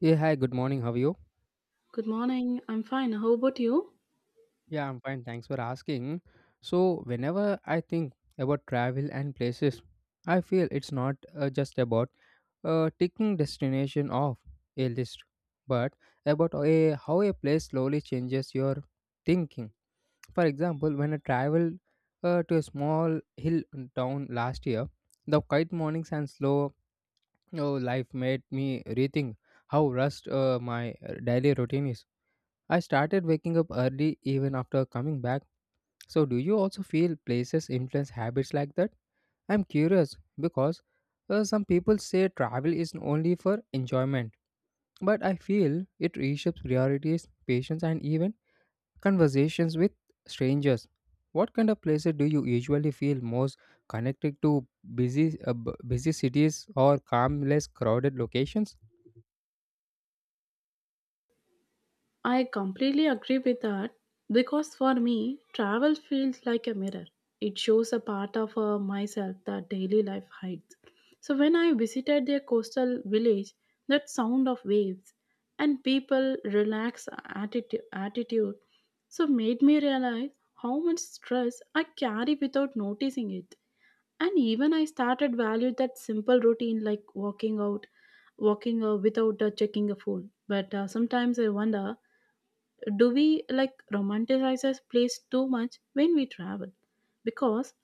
Yeah, hi, good morning. How are you? Good morning. I'm fine. How about you? Yeah, I'm fine. Thanks for asking. So, whenever I think about travel and places, I feel it's not just about ticking destination off a list, but about a, how a place slowly changes your thinking. For example, when I traveled to a small hill town last year, the quiet mornings and slow life made me rethink how rushed my daily routine is. I started waking up early even after coming back. So, do you also feel places influence habits like that? I'm curious because some people say travel is only for enjoyment, but I feel it reshapes priorities, patience, and even conversations with strangers. What kind of places do you usually feel most connected to? Busy, busy cities or calm, less crowded locations? I completely agree with that because for me, travel feels like a mirror. It shows a part of myself that daily life hides. So when I visited their coastal village, that sound of waves and people relaxed attitude so made me realize how much stress I carry without noticing it. And even I started value that simple routine like walking without checking a phone. But sometimes I wonder, do we like romanticize a place too much when we travel, because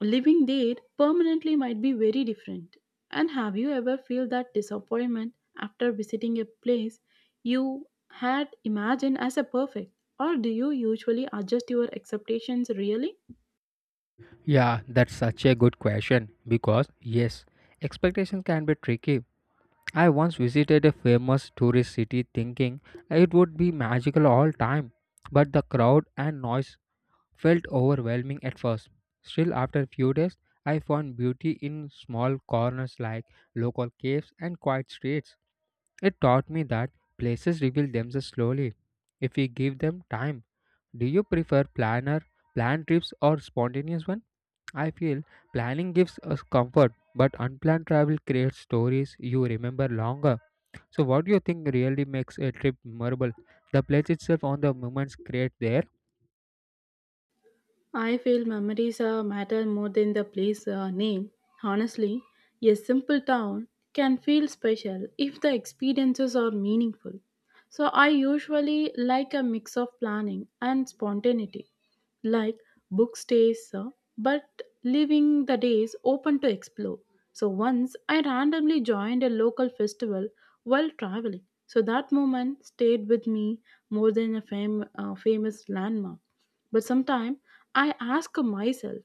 living there permanently might be very different. And have you ever feel that disappointment after visiting a place you had imagined as a perfect, or do you usually adjust your expectations really? Yeah, that's such a good question because yes, expectations can be tricky. I once visited a famous tourist city thinking it would be magical all time, but the crowd and noise felt overwhelming at first. Still, after a few days, I found beauty in small corners like local caves and quiet streets. It taught me that places reveal themselves slowly if we give them time. Do you prefer planned trips or spontaneous one? I feel planning gives us comfort, but unplanned travel creates stories you remember longer. So, what do you think really makes a trip memorable? The place itself or the moments created there? I feel memories matter more than the place name. Honestly, a simple town can feel special if the experiences are meaningful. So I usually like a mix of planning and spontaneity, like book stays, but leaving the days open to explore. So once I randomly joined a local festival while traveling. So that moment stayed with me more than a famous landmark. But sometimes I ask myself,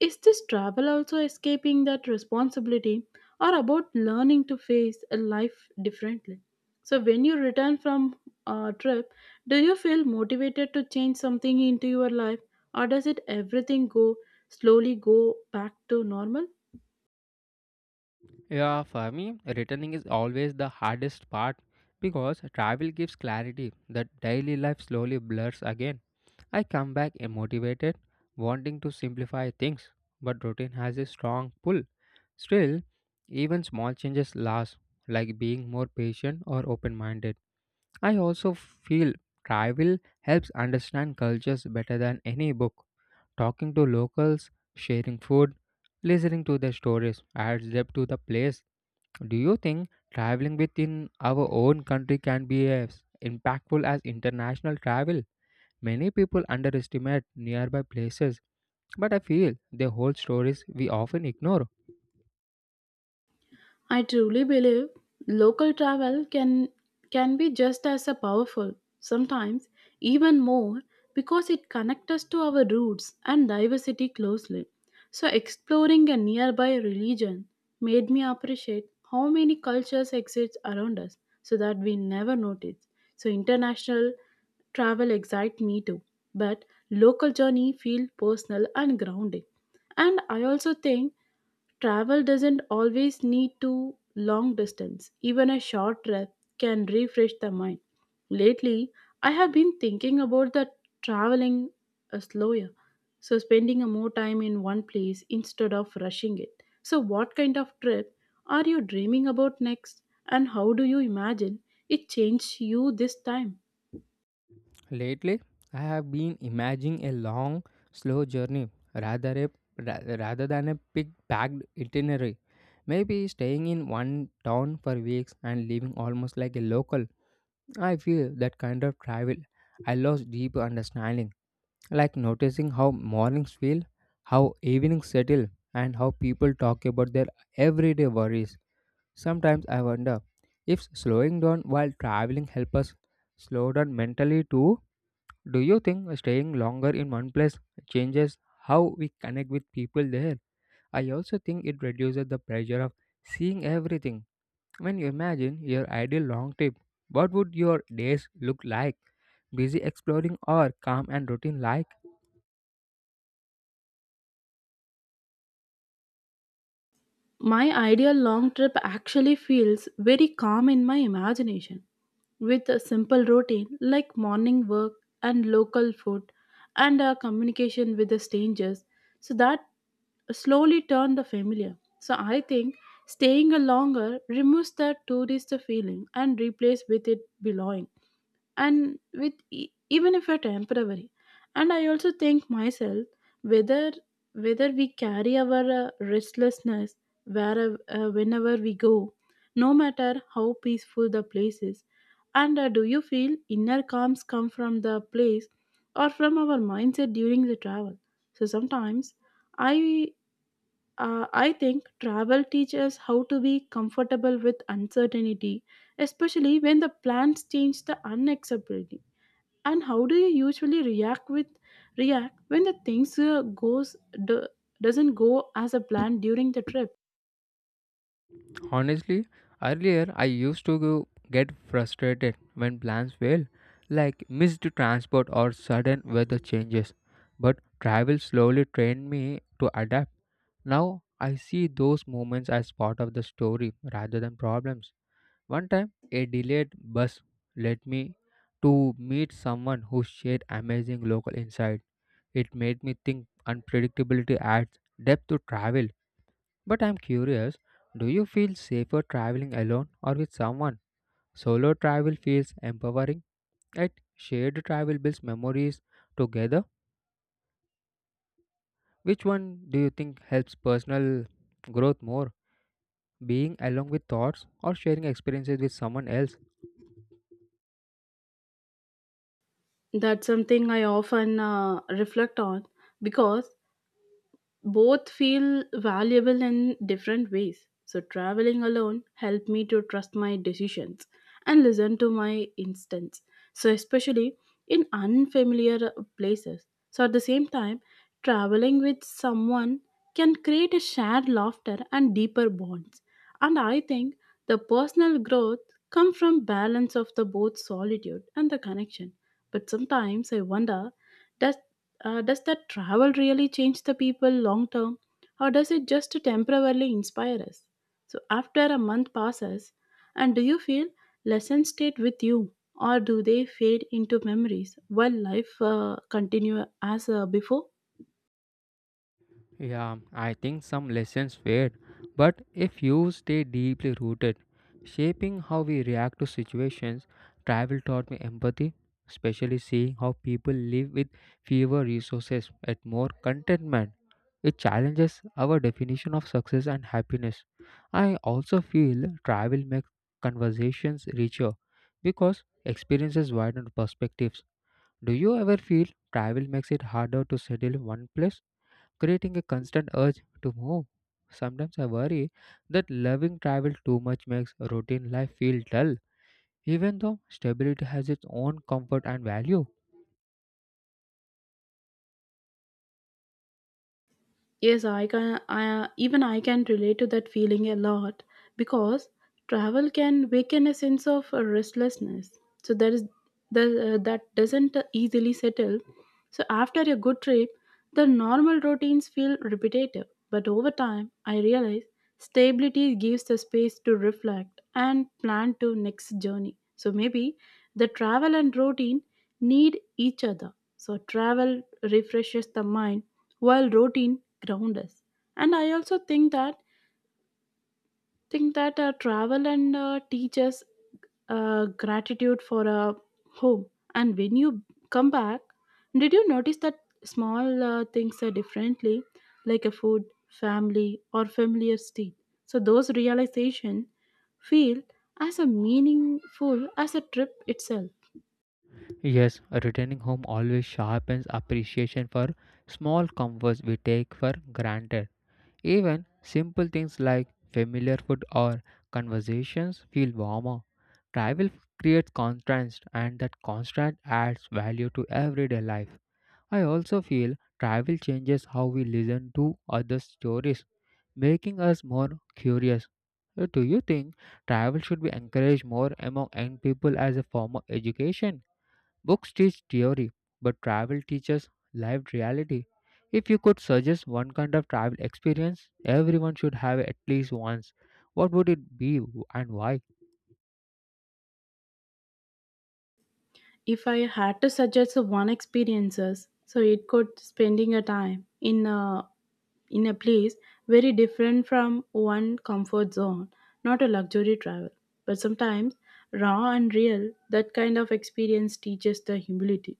is this travel also escaping that responsibility or about learning to face a life differently? So, when you return from a trip, do you feel motivated to change something into your life, or does it everything go slowly go back to normal? Yeah, for me, returning is always the hardest part because travel gives clarity that daily life slowly blurs again. I come back motivated, wanting to simplify things, but routine has a strong pull. Still, even small changes last, like being more patient or open minded. I also feel travel helps understand cultures better than any book. Talking to locals, sharing food, listening to their stories adds depth to the place. Do you think traveling within our own country can be as impactful as international travel? Many people underestimate nearby places, but I feel they hold stories we often ignore. I truly believe local travel can be just as a powerful, sometimes even more, because it connects us to our roots and diversity closely. So exploring a nearby religion made me appreciate how many cultures exist around us so that we never notice. So international travel excites me too, but local journey feel personal and grounding. And I also think travel doesn't always need to long distance. Even a short trip can refresh the mind. Lately, I have been thinking about the traveling slower, so spending a more time in one place instead of rushing it. So what kind of trip are you dreaming about next, and how do you imagine it changed you this time? Lately, I have been imagining a long, slow journey rather than a big-packed itinerary. Maybe staying in one town for weeks and living almost like a local. I feel that kind of travel, I lost deep understanding, like noticing how mornings feel, how evenings settle, and how people talk about their everyday worries. Sometimes I wonder if slowing down while traveling helps us slow down mentally too. Do you think staying longer in one place changes how we connect with people there? I also think it reduces the pressure of seeing everything. When you imagine your ideal long trip, what would your days look like? Busy exploring or calm and routine like? My ideal long trip actually feels very calm in my imagination, with a simple routine like morning work and local food and a communication with the strangers, so that slowly turn the familiar. So I think staying a longer removes the tourist feeling and replace with it belonging and with even if are temporary. And I also think myself whether we carry our restlessness wherever whenever we go, no matter how peaceful the place is. And do you feel inner calms come from the place or from our mindset during the travel? So sometimes i I think travel teaches us how to be comfortable with uncertainty, especially when the plans change the unacceptability. And how do you usually react when the things goes do, doesn't go as a plan during the trip? Honestly, earlier I used to get frustrated when plans fail, like missed transport or sudden weather changes. But travel slowly trained me to adapt. Now I see those moments as part of the story rather than problems. One time, a delayed bus led me to meet someone who shared amazing local insight. It made me think unpredictability adds depth to travel. But I'm curious, do you feel safer traveling alone or with someone? Solo travel feels empowering, yet shared travel builds memories together. Which one do you think helps personal growth more? Being alone with thoughts or sharing experiences with someone else. That's something I often reflect on because both feel valuable in different ways. So, traveling alone helped me to trust my decisions and listen to my instincts. So, especially in unfamiliar places. So, at the same time, traveling with someone can create a shared laughter and deeper bonds. And I think the personal growth comes from balance of the both solitude and the connection. But sometimes I wonder, does does that travel really change the people long term, or does it just temporarily inspire us? So, after a month passes, and do you feel lessons stayed with you, or do they fade into memories while life continue as before? Yeah, I think some lessons fade, but if you stay deeply rooted, shaping how we react to situations. Travel taught me empathy, especially seeing how people live with fewer resources and more contentment. It challenges our definition of success and happiness. I also feel travel makes conversations richer because experiences widen perspectives. Do you ever feel travel makes it harder to settle in one place, creating a constant urge to move? Sometimes I worry that loving travel too much makes routine life feel dull, even though stability has its own comfort and value. Yes, I can. I can relate to that feeling a lot because travel can awaken a sense of restlessness. So there is the that doesn't easily settle. So after a good trip, the normal routines feel repetitive. But over time, I realize stability gives the space to reflect and plan to next journey. So maybe the travel and routine need each other. So travel refreshes the mind while routine ground us. And I also think that travel and teach us gratitude for a home. And when you come back, did you notice that small things are differently, like a food, family or familiar state? So those realization feel as a meaningful as a trip itself. Yes, returning home always sharpens appreciation for small comforts we take for granted. Even simple things like familiar food or conversations feel warmer. Travel creates contrast, and that contrast adds value to everyday life. I also feel travel changes how we listen to other stories, making us more curious. Do you think travel should be encouraged more among young people as a form of education? Books teach theory, but travel teaches lived reality. If you could suggest one kind of travel experience everyone should have at least once, what would it be and why? If I had to suggest one experiences, so it could spending a time in a place very different from one comfort zone, not a luxury travel. But sometimes raw and real, that kind of experience teaches the humility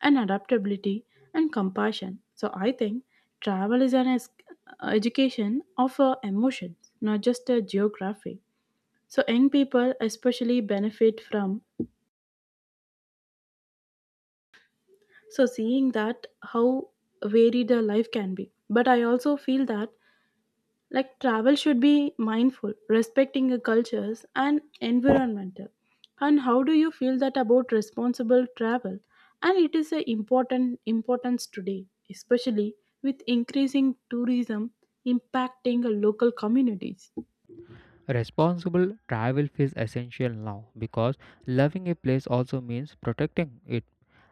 and adaptability and compassion. So I think travel is an education of emotions, not just a geography. So young people especially benefit from so seeing that how varied the life can be. But I also feel that like travel should be mindful, respecting the cultures and environmental. And how do you feel that about responsible travel, and it is a important importance today, especially with increasing tourism impacting the local communities. Responsible travel feels essential now because loving a place also means protecting it.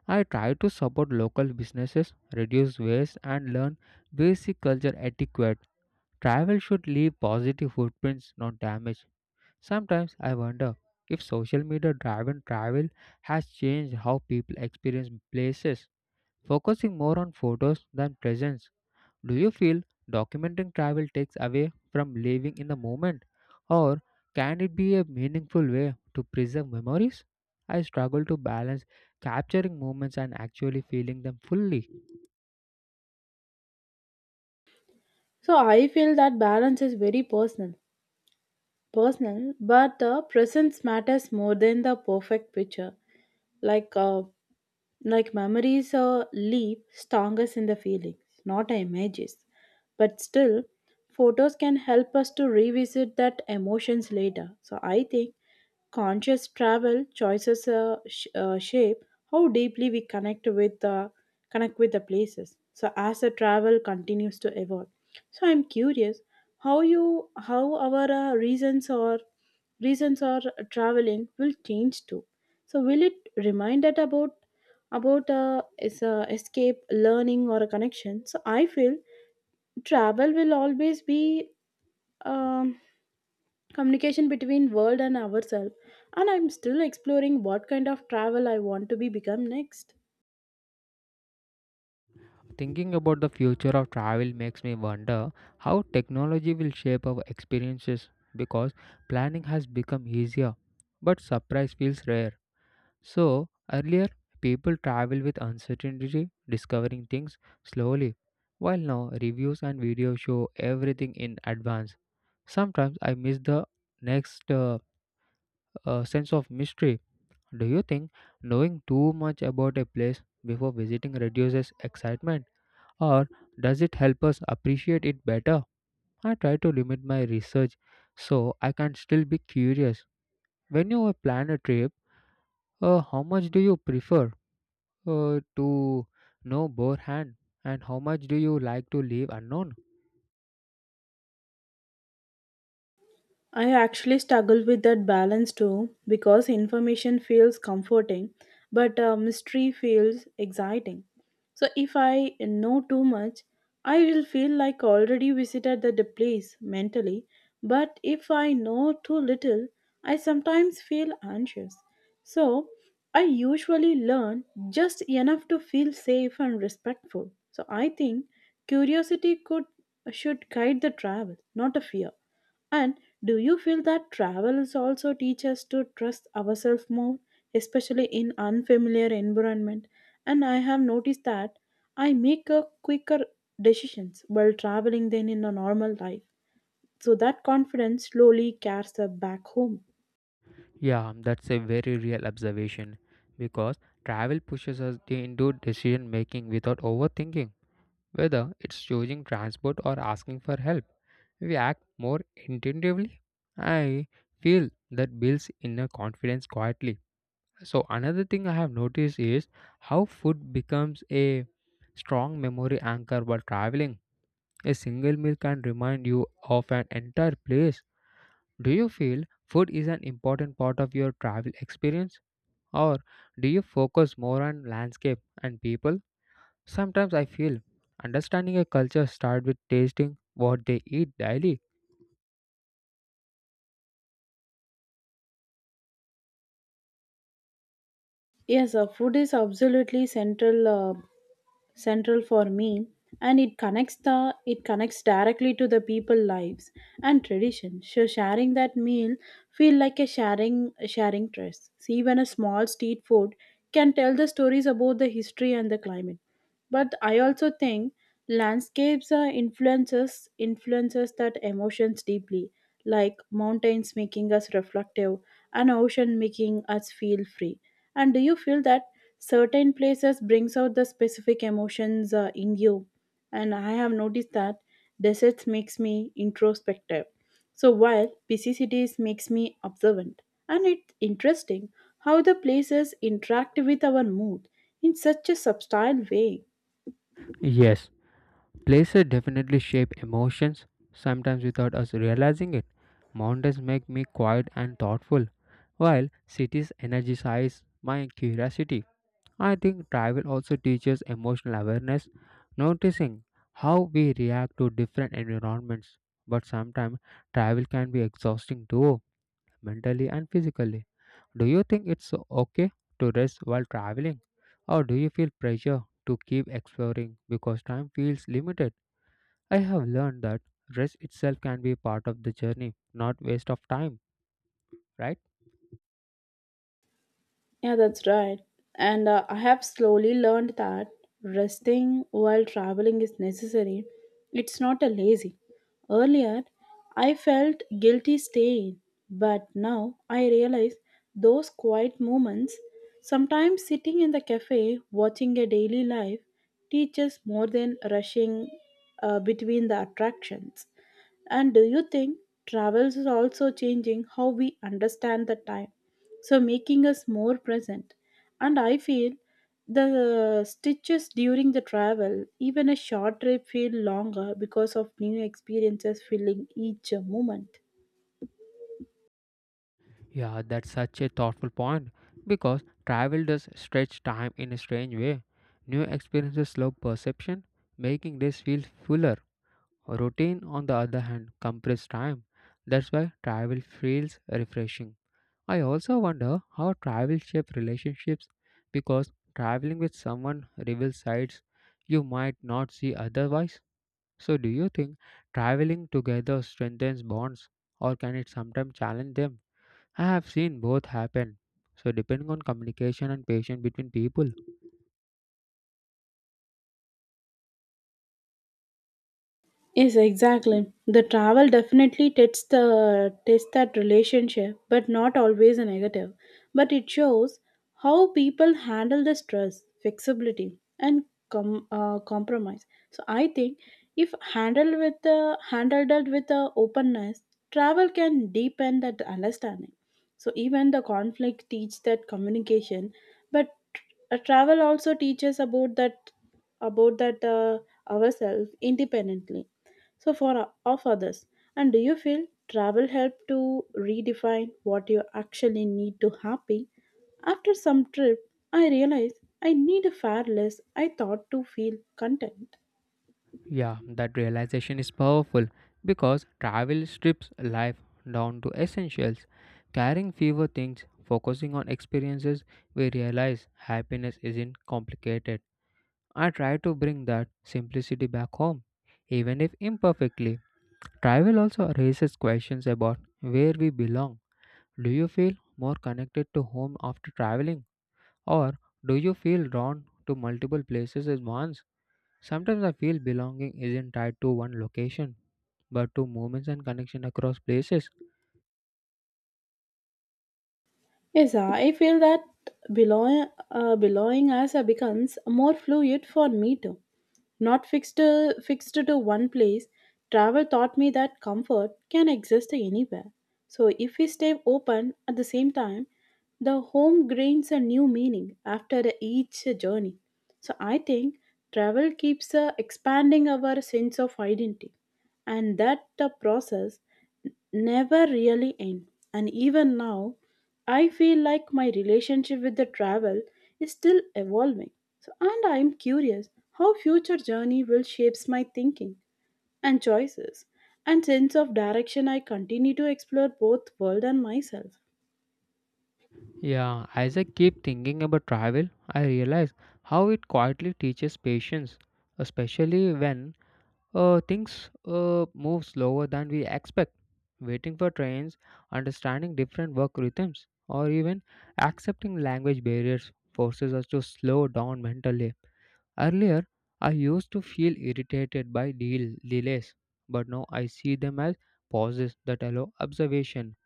I try to support local businesses, reduce waste, and learn basic culture etiquette. Travel should leave positive footprints, not damage. Sometimes I wonder if social media driven travel has changed how people experience places, focusing more on photos than presence. Do you feel documenting travel takes away from living in the moment, or can it be a meaningful way to preserve memories? I struggle to balance capturing moments and actually feeling them fully. So I feel that balance is very personal, but the presence matters more than the perfect picture. like uh, Like memories leave strongest in the feelings, not images. But still, photos can help us to revisit that emotions later. So I think conscious travel choices shape how deeply we connect with the places. So as the travel continues to evolve, so I'm curious how our reasons or traveling will change too. So will it remind us about is escape learning or a connection? So I feel travel will always be, um, communication between world and ourselves. And I'm still exploring what kind of travel I want to be become next. Thinking about the future of travel makes me wonder how technology will shape our experiences because planning has become easier, but surprise feels rare. So, earlier, people travel with uncertainty, discovering things slowly, while now reviews and videos show everything in advance. Sometimes I miss the next sense of mystery. Do you think knowing too much about a place before visiting reduces excitement, or does it help us appreciate it better? I try to limit my research so I can still be curious. When you plan a trip, how much do you prefer to know beforehand, and how much do you like to leave unknown? I actually struggle with that balance too because information feels comforting, but mystery feels exciting. So if I know too much, I will feel like already visited the place mentally. But if I know too little, I sometimes feel anxious. So I usually learn just enough to feel safe and respectful. So I think curiosity could should guide the travel, not a fear. And do you feel that travel is also teach us to trust ourselves more, especially in unfamiliar environment? And I have noticed that I make a quicker decisions while traveling than in a normal life. So that confidence slowly carries her back home. Yeah, that's a very real observation because travel pushes us into decision making without overthinking, whether it's choosing transport or asking for help. We act more intuitively. I feel that builds inner confidence quietly. So, another thing I have noticed is how food becomes a strong memory anchor while traveling. A single meal can remind you of an entire place. Do you feel food is an important part of your travel experience? Or do you focus more on landscape and people? Sometimes I feel understanding a culture starts with tasting what they eat daily. Yes, food is absolutely central for me, and it connects directly to the people lives and tradition. So sharing that meal feel like a sharing trust. See when a small street food can tell the stories about the history and the climate. But I also think landscapes are influences that emotions deeply, like mountains making us reflective and ocean making us feel free. And do you feel that certain places brings out the specific emotions in you? And I have noticed that deserts makes me introspective. So while busy cities makes me observant. And it's interesting how the places interact with our mood in such a subtle way. Yes, places definitely shape emotions, sometimes without us realizing it. Mountains make me quiet and thoughtful, while cities energize my curiosity. I think travel also teaches emotional awareness, noticing how we react to different environments. But sometimes travel can be exhausting too, mentally and physically. Do you think it's okay to rest while traveling, or do you feel pressure to keep exploring because time feels limited? I have learned that rest itself can be part of the journey, not waste of time, right? Yeah, that's right. And I have slowly learned that resting while traveling is necessary. It's not a lazy. Earlier, I felt guilty staying, but now I realize those quiet moments, sometimes sitting in the cafe watching a daily life, teaches more than rushing between the attractions. And do you think travels is also changing how we understand the time? So making us more present. And I feel the stitches during the travel, even a short trip feel longer because of new experiences filling each moment. Yeah, that's such a thoughtful point because travel does stretch time in a strange way. New experiences slow perception, making this feel fuller. Routine, on the other hand, compresses time. That's why travel feels refreshing. I also wonder how travel shapes relationships because traveling with someone reveals sides you might not see otherwise. So, do you think traveling together strengthens bonds, or can it sometimes challenge them? I have seen both happen, so depending on communication and patience between people. Yes, exactly. The travel definitely tests that relationship, but not always a negative. But it shows how people handle the stress, flexibility, and compromise. So I think if handled it with the openness, travel can deepen that understanding. So even the conflict teach that communication, but travel also teaches about that ourselves independently so for of others. And do you feel travel helped to redefine what you actually need to happy? After some trip I realized I need a far less I thought to feel content. Yeah, that realization is powerful because travel strips life down to essentials. Carrying fewer things, focusing on experiences, we realize happiness isn't complicated. I try to bring that simplicity back home, even if imperfectly. Travel also raises questions about where we belong. Do you feel more connected to home after traveling, or do you feel drawn to multiple places at once? Sometimes I feel belonging isn't tied to one location, but to moments and connection across places. Yes, I feel that belonging as a becomes more fluid for me too. Not fixed to one place, travel taught me that comfort can exist anywhere. So if we stay open at the same time, the home gains a new meaning after each journey. So I think travel keeps expanding our sense of identity, and that the process never really end. And even now, I feel like my relationship with the travel is still evolving. And I'm curious how future journey will shapes my thinking and choices and sense of direction. I continue to explore both world and myself. Yeah, as I keep thinking about travel, I realize how it quietly teaches patience, especially when things move slower than we expect. Waiting for trains, understanding different work rhythms, or even accepting language barriers forces us to slow down mentally. Earlier, I used to feel irritated by deal delays, but now I see them as pauses that allow observation.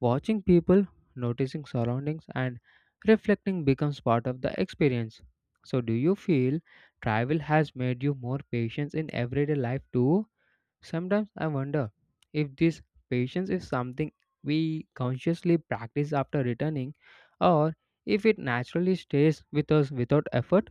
Watching people, noticing surroundings, and reflecting becomes part of the experience. So, do you feel travel has made you more patient in everyday life too? Sometimes I wonder if this patience is something we consciously practice after returning, or if it naturally stays with us without effort.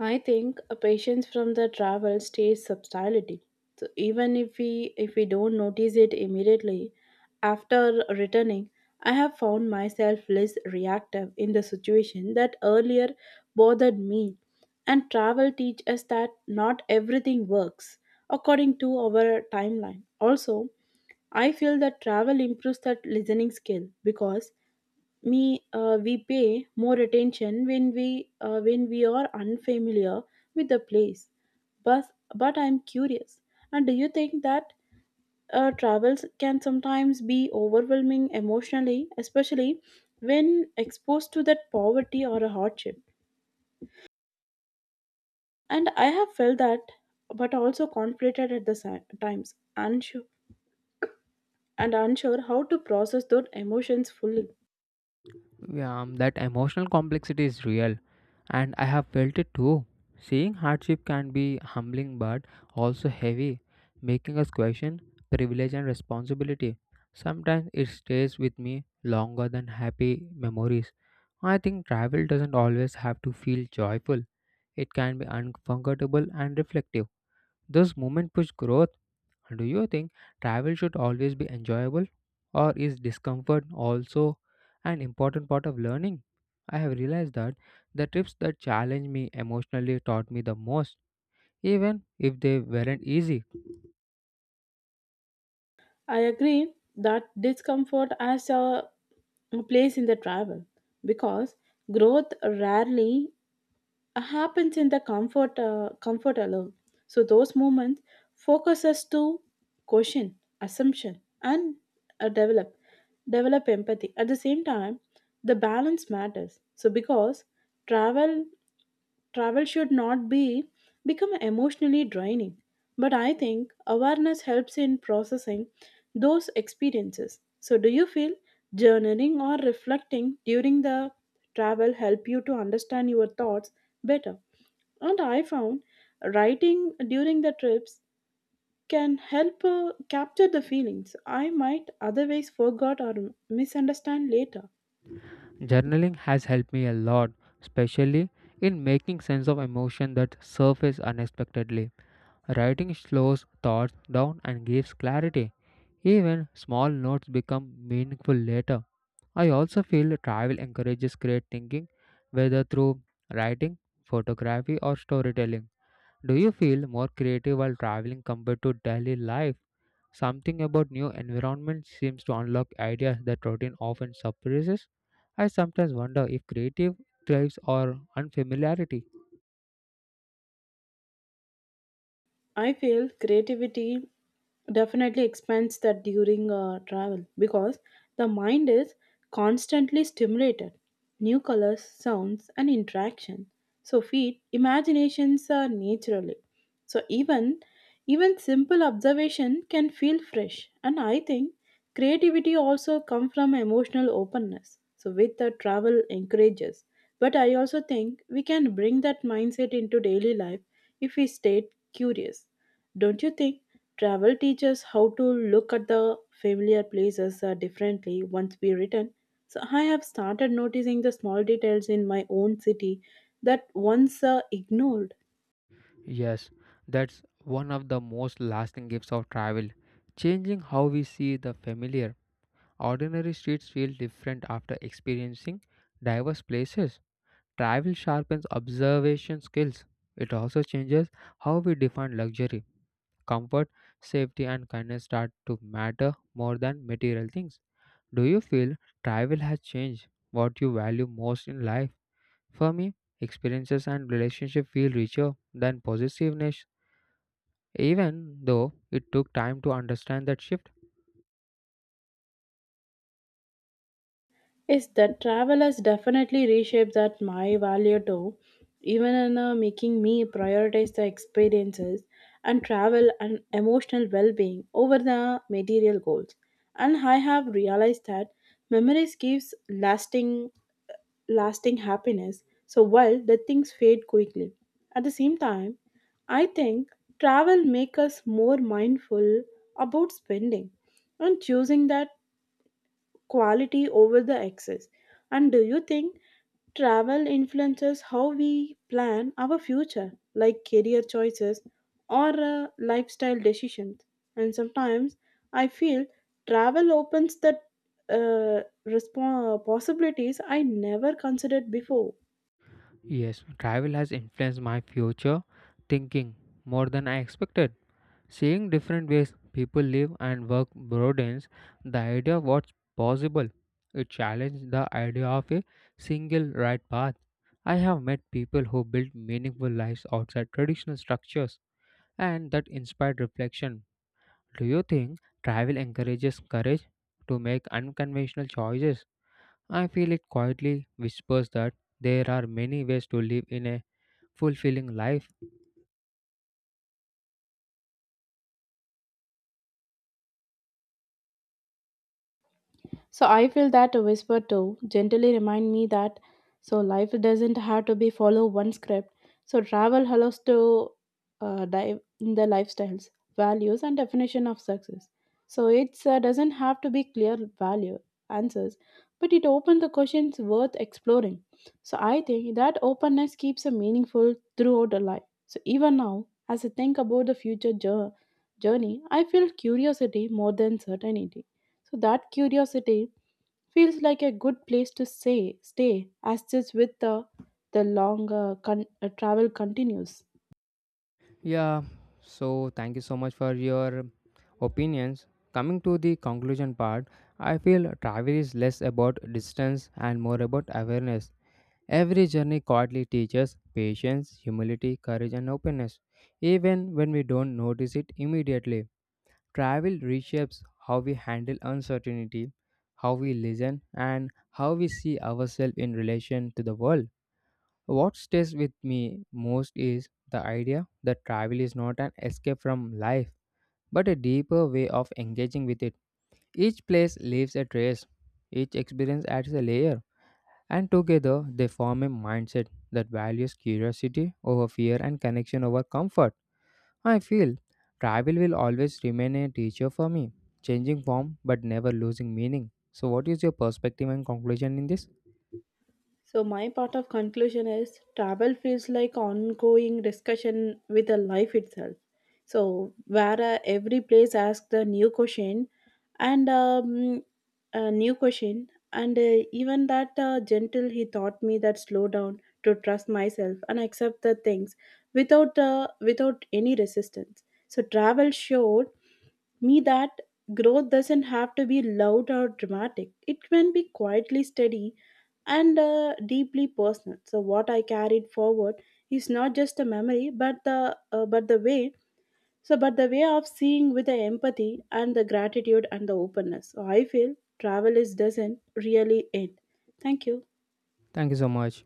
I think a patience from the travel stays subtlety. So even if we don't notice it immediately, after returning, I have found myself less reactive in the situation that earlier bothered me. And travel teach us that not everything works according to our timeline. Also, I feel that travel improves that listening skill because me we pay more attention when we are unfamiliar with the place, but but I'm curious, and do you think that travels can sometimes be overwhelming emotionally, especially when exposed to that poverty or a hardship? And I have felt that, but also conflicted at the times, unsure, and unsure how to process those emotions fully. Yeah, that emotional complexity is real, and I have felt it too. Seeing hardship can be humbling but also heavy, making us question privilege and responsibility. Sometimes it stays with me longer than happy memories. I think travel doesn't always have to feel joyful, it can be uncomfortable and reflective. Those moments push growth. Do you think travel should always be enjoyable? Or is discomfort also an important part of learning? I have realized that the trips that challenged me emotionally taught me the most, even if they weren't easy. I agree that discomfort as a place in the travel, because growth rarely happens in the comfort alone. So those moments focus us to question assumption, and uh, develop develop empathy. At the same time, the balance matters, so because travel travel should not be become emotionally draining. But I think awareness helps in processing those experiences. So do you feel journaling or reflecting during the travel help you to understand your thoughts better? And I found writing during the trips can help capture the feelings I might otherwise forgot or misunderstand later. Journaling has helped me a lot, especially in making sense of emotion that surface unexpectedly. Writing slows thoughts down and gives clarity. Even small notes become meaningful later. I also feel travel encourages great thinking, whether through writing, photography, or storytelling. Do you feel more creative while traveling compared to daily life? Something about new environments seems to unlock ideas that routine often suppresses. I sometimes wonder if creative thrives or unfamiliarity. I feel creativity definitely expands that during travel, because the mind is constantly stimulated. New colors, sounds, and interaction. So feed imaginations naturally. So even simple observation can feel fresh, and I think creativity also comes from emotional openness. So, with the travel encourages. But I also think we can bring that mindset into daily life if we stay curious. Don't you think travel teaches how to look at the familiar places differently once we return? So, I have started noticing the small details in my own city that once ignored. Yes, that's one of the most lasting gifts of travel, changing how we see the familiar. Ordinary streets feel different after experiencing diverse places. Travel sharpens observation skills. It also changes how we define luxury. Comfort, safety, and kindness start to matter more than material things. Do you feel travel has changed what you value most in life? For me, experiences and relationships feel richer than possessiveness, even though it took time to understand that shift. Yes, that travel has definitely reshaped that my value too, even in making me prioritize the experiences and travel and emotional well-being over the material goals. And I have realized that memories gives lasting uh, lasting happiness. So while the things fade quickly, at the same time, I think travel make us more mindful about spending and choosing that quality over the excess. And do you think travel influences how we plan our future, like career choices or lifestyle decisions? And sometimes I feel travel opens the possibilities I never considered before. Yes, travel has influenced my future thinking more than I expected. Seeing different ways people live and work broadens the idea of what's possible. It challenges the idea of a single right path. I have met people who built meaningful lives outside traditional structures, and that inspired reflection. Do you think travel encourages courage to make unconventional choices? I feel it quietly whispers that there are many ways to live in a fulfilling life. So I feel that a whisper too gently remind me that so life doesn't have to be follow one script. So travel allows to dive in the lifestyles, values, and definition of success. So it doesn't have to be clear value answers, but it opens the questions worth exploring. So I think that openness keeps a meaningful throughout the life. So even now, as I think about the future journey, I feel curiosity more than certainty. So that curiosity feels like a good place to say stay as this with the the long travel continues. Yeah, so thank you so much for your opinions. Coming to the conclusion part, I feel travel is less about distance and more about awareness. Every journey quietly teaches patience, humility, courage, and openness, even when we don't notice it immediately. Travel reshapes how we handle uncertainty, how we listen, and how we see ourselves in relation to the world. What stays with me most is the idea that travel is not an escape from life, but a deeper way of engaging with it. Each place leaves a trace, each experience adds a layer, and together they form a mindset that values curiosity over fear and connection over comfort. I feel travel will always remain a teacher for me, changing form but never losing meaning. So, what is your perspective and conclusion in this? So my part of conclusion is travel feels like ongoing discussion with the life itself. So where every place asks a new question and a new question even that gentle he taught me that slow down to trust myself and accept the things without any resistance. So travel showed me that growth doesn't have to be loud or dramatic. It can be quietly steady and deeply personal. So what I carried forward is not just a memory, but the way of seeing with the empathy and the gratitude and the openness. So I feel travel is doesn't really end. Thank you. Thank you so much.